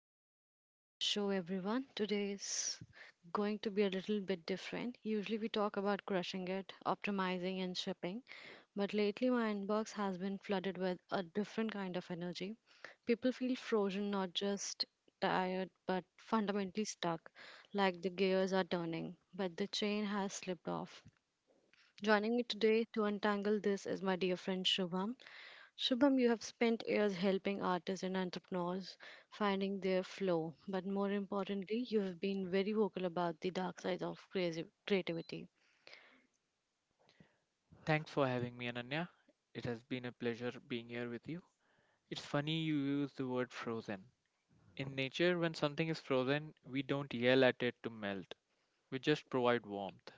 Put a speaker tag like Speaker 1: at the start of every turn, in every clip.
Speaker 1: welcome back to the show, everyone. Today is going to be a little bit different. Usually, we talk about crushing it, optimizing, and shipping, but lately, my inbox has been flooded with a different kind of energy. People feel frozen, not just tired, but fundamentally stuck, like the gears are turning, but the chain has slipped off. Joining me today to untangle this is my dear friend Shubham. Shubham, you have spent years helping artists and entrepreneurs finding their flow, but more importantly, you have been very vocal about the dark side of creativity.
Speaker 2: Thanks for having me, Ananya. It has been a pleasure being here with you. It's funny you use the word frozen. In nature, when something is frozen, we don't yell at it to melt, we just provide warmth.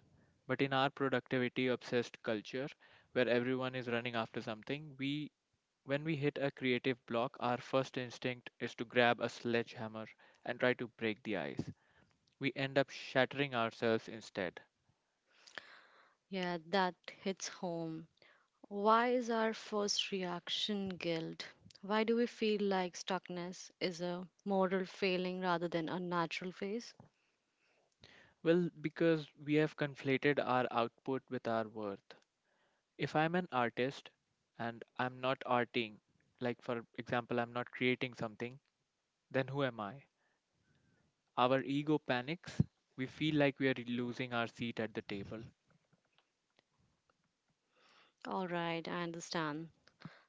Speaker 2: But in our productivity obsessed culture, where everyone is running after something, we when we hit a creative block, our first instinct is to grab a sledgehammer and try to break the ice. We end up shattering ourselves instead.
Speaker 1: Yeah, that hits home. Why is our first reaction guilt? Why do we feel like stuckness is a moral failing rather than a natural phase?
Speaker 2: Well, because we have conflated our output with our worth. If I'm an artist and I'm not arting, like for example, I'm not creating something, then who am I? Our ego panics. We feel like we are losing our seat at the table.
Speaker 1: All right, I understand.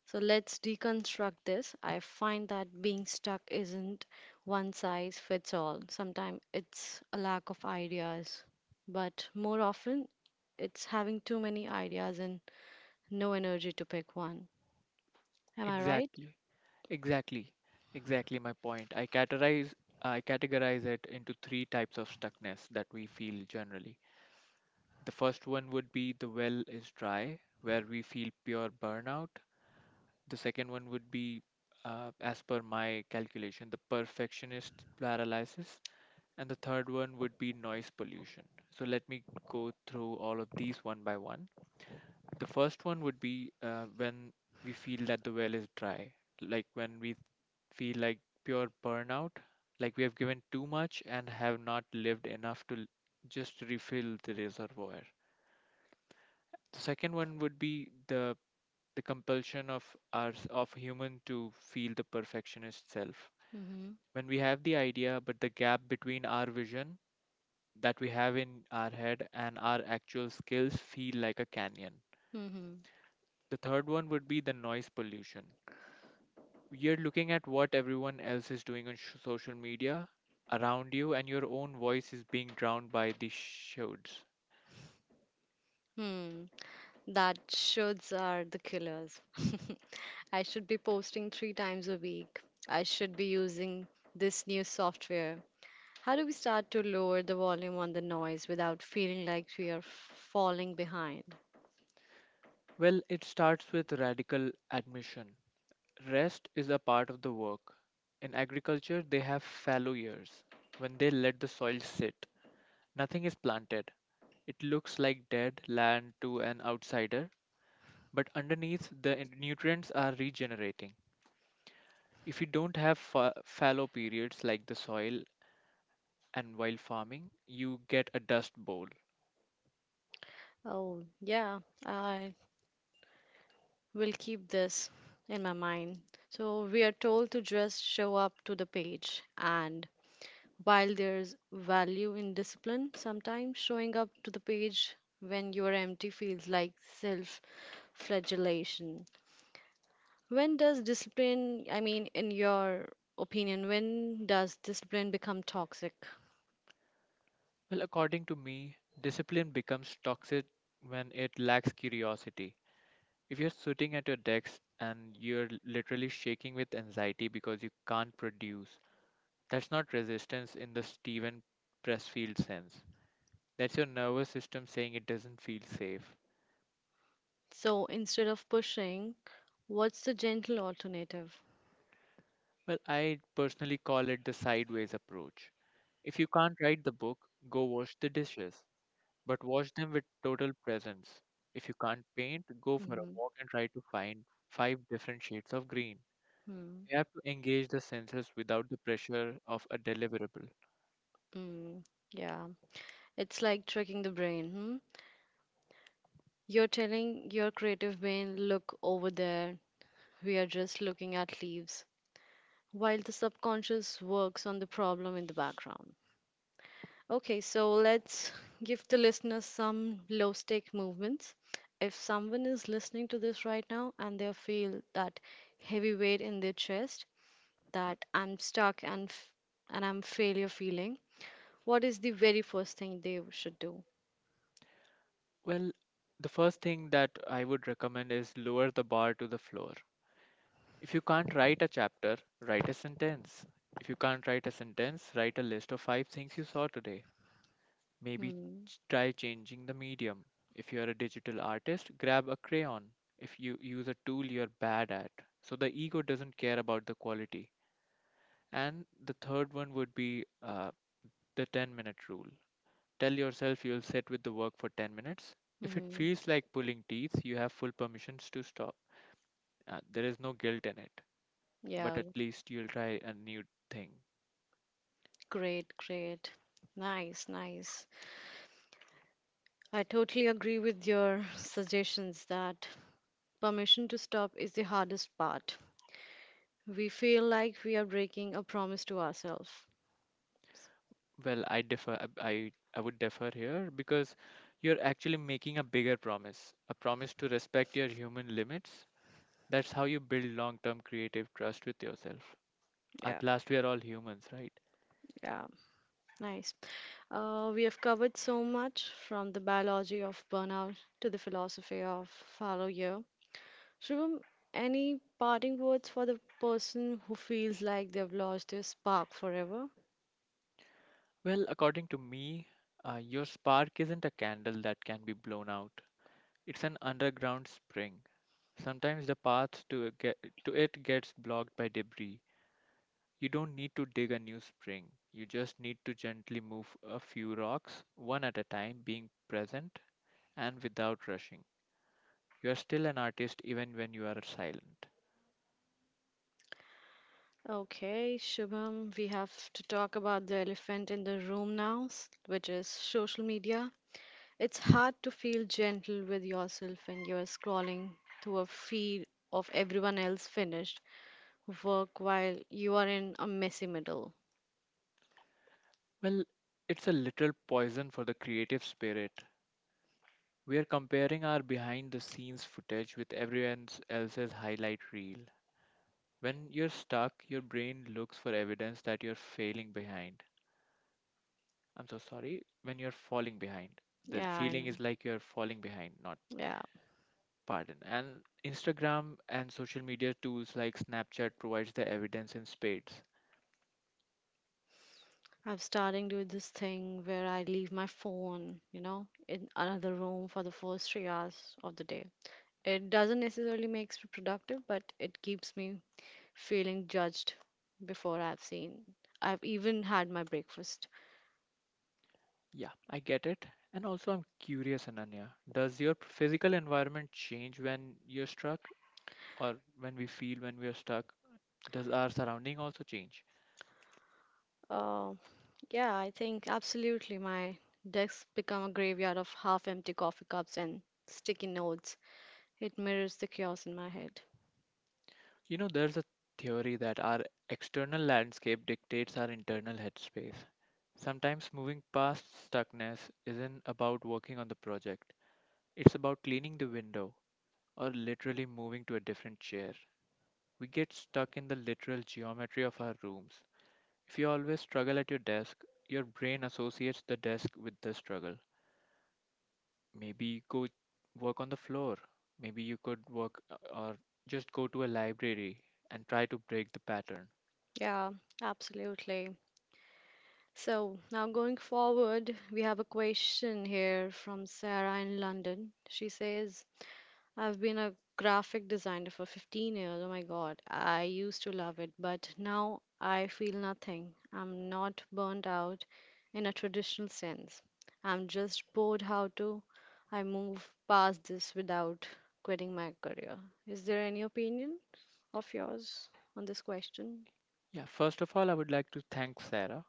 Speaker 1: So let's deconstruct this. I find that being stuck isn't one size fits all. Sometimes it's a lack of ideas, but more often it's having too many ideas and no energy to pick one. Am I right?
Speaker 2: Exactly. Exactly. Exactly my point. I categorize it into three types of stuckness that we feel generally. The first one would be the well is dry, where we feel pure burnout. The second one would be, as per my calculation, the perfectionist paralysis. And the third one would be noise pollution. So let me go through all of these one by one. The first one would be when we feel that the well is dry, like when we feel like pure burnout, like we have given too much and have not lived enough to just refill the reservoir. The second one would be the compulsion of our of human to feel the perfectionist self
Speaker 1: Mm-hmm.
Speaker 2: when we have the idea, but the gap between our vision that we have in our head and our actual skills feel like a canyon.
Speaker 1: Mm-hmm.
Speaker 2: The third one would be the noise pollution. You're looking at what everyone else is doing on social media around you, and your own voice is being drowned by these shoulds.
Speaker 1: Hmm. That shoulds are the killers. I should be posting 3 times a week. I should be using this new software. How do we start to lower the volume on the noise without feeling like we are falling behind?
Speaker 2: Well, it starts with radical admission. Rest is a part of the work. In agriculture, they have fallow years, when they let the soil sit. Nothing is planted. It looks like dead land to an outsider, but underneath, the nutrients are regenerating. If you don't have fallow periods like the soil and while farming, you get a dust bowl.
Speaker 1: Oh, yeah, I will keep this in my mind. So, we are told to just show up to the page, and while there's value in discipline, sometimes showing up to the page when you're empty feels like self flagellation. When does discipline, in your opinion, when does discipline become toxic?
Speaker 2: Well, according to me, discipline becomes toxic when it lacks curiosity. If you're sitting at your desk and you're literally shaking with anxiety because you can't produce, that's not resistance in the Steven Pressfield sense. That's your nervous system saying it doesn't feel safe.
Speaker 1: So instead of pushing, what's the gentle alternative?
Speaker 2: Well, I personally call it the sideways approach. If you can't write the book, go wash the dishes, but wash them with total presence. If you can't paint, go for a
Speaker 1: Mhm.
Speaker 2: walk and try to find five different shades of green.
Speaker 1: Hmm.
Speaker 2: You have to engage the senses without the pressure of a deliverable.
Speaker 1: Mm, yeah, it's like tricking the brain. Hmm? You're telling your creative brain, look over there. We are just looking at leaves while the subconscious works on the problem in the background. Okay, so let's give the listeners some low stake movements. If someone is listening to this right now and they feel that heavy weight in their chest, that I'm stuck and f- and I'm failure feeling, what is the very first thing they should do?
Speaker 2: Well, the first thing that I would recommend is lower the bar to the floor. If you can't write a chapter, write a sentence. If you can't write a sentence, write a list of five things you saw today. Maybe
Speaker 1: Hmm.
Speaker 2: try changing the medium. If you are a digital artist, grab a crayon. If you use a tool you're bad at. So the ego doesn't care about the quality. And the third one would be the 10-minute rule. Tell yourself you'll sit with the work for 10 minutes. If it
Speaker 1: Hmm.
Speaker 2: feels like pulling teeth, you have full permissions to stop. There is no guilt in it, but
Speaker 1: Yeah.
Speaker 2: at least you'll try a new thing.
Speaker 1: Great, great. Nice, nice. I totally agree with your suggestions that permission to stop is the hardest part. We feel like we are breaking a promise to ourselves.
Speaker 2: Well, I differ. I, I would differ here because you're actually making a bigger promise, a promise to respect your human limits. That's how you build long term creative trust with yourself. At
Speaker 1: Yeah,
Speaker 2: last, we are all humans, right?
Speaker 1: yeah. Nice. We have covered so much from the biology of burnout to the philosophy of follow you. Shubham, any parting words for the person who feels like they've lost their spark forever?
Speaker 2: Well, according to me, your spark isn't a candle that can be blown out. It's an underground spring. Sometimes the path to it, get, to it gets blocked by debris. You don't need to dig a new spring. You just need to gently move a few rocks, one at a time, being present and without rushing. You are still an artist even when you are silent.
Speaker 1: Okay, Shubham, we have to talk about the elephant in the room now, which is social media. It's hard to feel gentle with yourself when you're scrolling through a feed of everyone else finished work while you are in a messy middle.
Speaker 2: Well, it's a little poison for the creative spirit. We are comparing our behind the scenes footage with everyone else's highlight reel. When you're stuck, your brain looks for evidence that you're failing behind. I'm so sorry. When you're falling behind, the
Speaker 1: Yeah, I know.
Speaker 2: feeling is like you're falling behind, not
Speaker 1: Yeah,
Speaker 2: pardon. And Instagram and social media tools like Snapchat provides the evidence in spades.
Speaker 1: I'm starting to do this thing where I leave my phone, in another room for the first 3 hours of the day. It doesn't necessarily makes me productive, but it keeps me feeling judged before I've seen. I've even had my breakfast.
Speaker 2: Yeah, I get it. And also, I'm curious, Ananya, does your physical environment change when you're struck, or when we are stuck? Does our surrounding also change?
Speaker 1: Uh, yeah, I think absolutely my desk become a graveyard of half empty coffee cups and sticky notes. It mirrors the chaos in my head.
Speaker 2: You know, there's a theory that our external landscape dictates our internal headspace. Sometimes moving past stuckness isn't about working on the project, it's about cleaning the window or literally moving to a different chair. We get stuck in the literal geometry of our rooms. If you always struggle at your desk, your brain associates the desk with the struggle. Maybe you could work on the floor. Maybe you could work or just go to a library and try to break the pattern.
Speaker 1: Yeah, absolutely. So now going forward, we have a question here from Sarah in London. She says, I've been a graphic designer for 15 years. Oh my god, I used to love it, but now I feel nothing. I'm not burnt out in a traditional sense. I'm just bored. How to I move past this without quitting my career? Is there any opinion of yours on this question?
Speaker 2: Yeah, first of all, I would like to thank Sarah.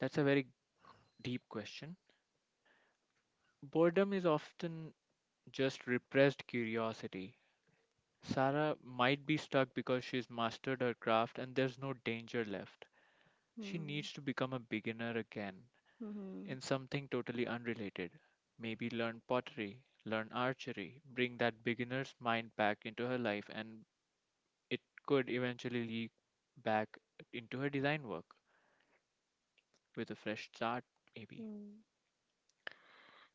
Speaker 2: That's a very deep question. Boredom is often just repressed curiosity. Sarah might be stuck because she's mastered her craft and there's no danger left. She
Speaker 1: Hmm.
Speaker 2: needs to become a beginner again
Speaker 1: Mm-hmm.
Speaker 2: in something totally unrelated. Maybe learn pottery, learn archery, bring that beginner's mind back into her life, and it could eventually leak back into her design work with a fresh start, maybe.
Speaker 1: Hmm.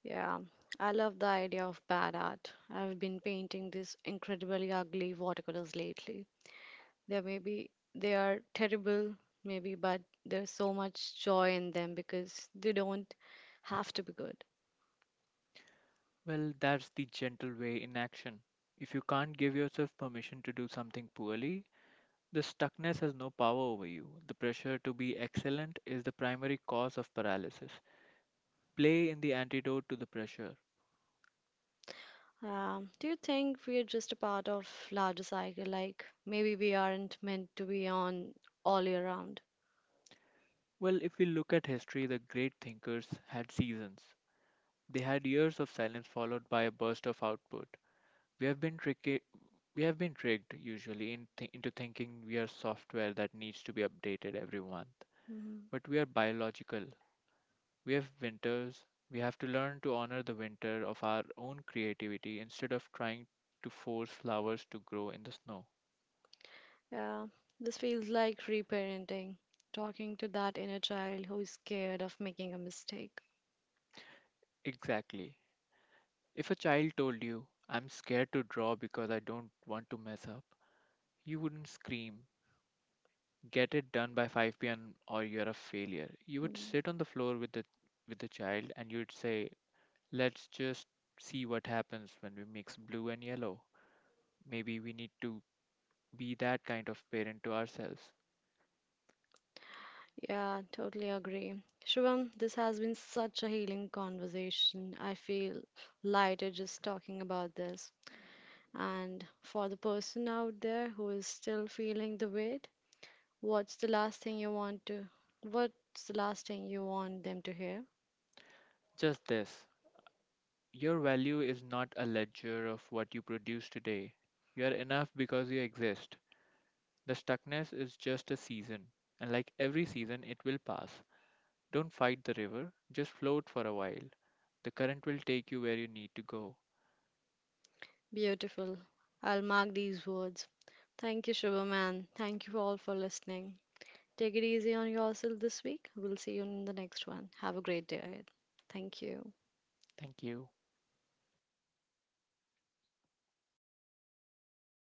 Speaker 1: Yeah, I love the idea of bad art. I've been painting these incredibly ugly watercolors lately. They may be they are terrible, maybe, but there's so much joy in them because they don't have to be good.
Speaker 2: Well, that's the gentle way in action. If you can't give yourself permission to do something poorly, the stuckness has no power over you. The pressure to be excellent is the primary cause of paralysis. Play in the antidote to the pressure.
Speaker 1: Do you think we are just a part of larger cycle? Like maybe we aren't meant to be on all year round.
Speaker 2: Well, if we look at history, the great thinkers had seasons. They had years of silence followed by a burst of output. We have been tricky, we have been tricked usually in into thinking we are software that needs to be updated every month,
Speaker 1: Hmm.
Speaker 2: but we are biological. We have winters. We have to learn to honor the winter of our own creativity instead of trying to force flowers to grow in the snow.
Speaker 1: Yeah, this feels like reparenting, talking to that inner child who is scared of making a mistake.
Speaker 2: Exactly. If a child told you, I'm scared to draw because I don't want to mess up, you wouldn't scream, get it done by 5 p.m. or you're a failure. You would
Speaker 1: Mm.
Speaker 2: sit on the floor with the child and you'd say, "Let's just see what happens when we mix blue and yellow. Maybe we need to be that kind of parent to ourselves."
Speaker 1: Yeah, totally agree. Shubham, this has been such a healing conversation. I feel lighter just talking about this. And for the person out there who is still feeling the weight, what's the last thing you want to what's the last thing you want them to hear?
Speaker 2: Just this. Your value is not a ledger of what you produce today. You are enough because you exist. The stuckness is just a season, and like every season, it will pass. Don't fight the river, just float for a while. The current will take you where you need to go.
Speaker 1: Beautiful. I'll mark these words. Thank you, Shubham, and thank you all for listening. Take it easy on yourself this week. We'll see you in the next one. Have a great day ahead. Thank you.
Speaker 2: Thank you.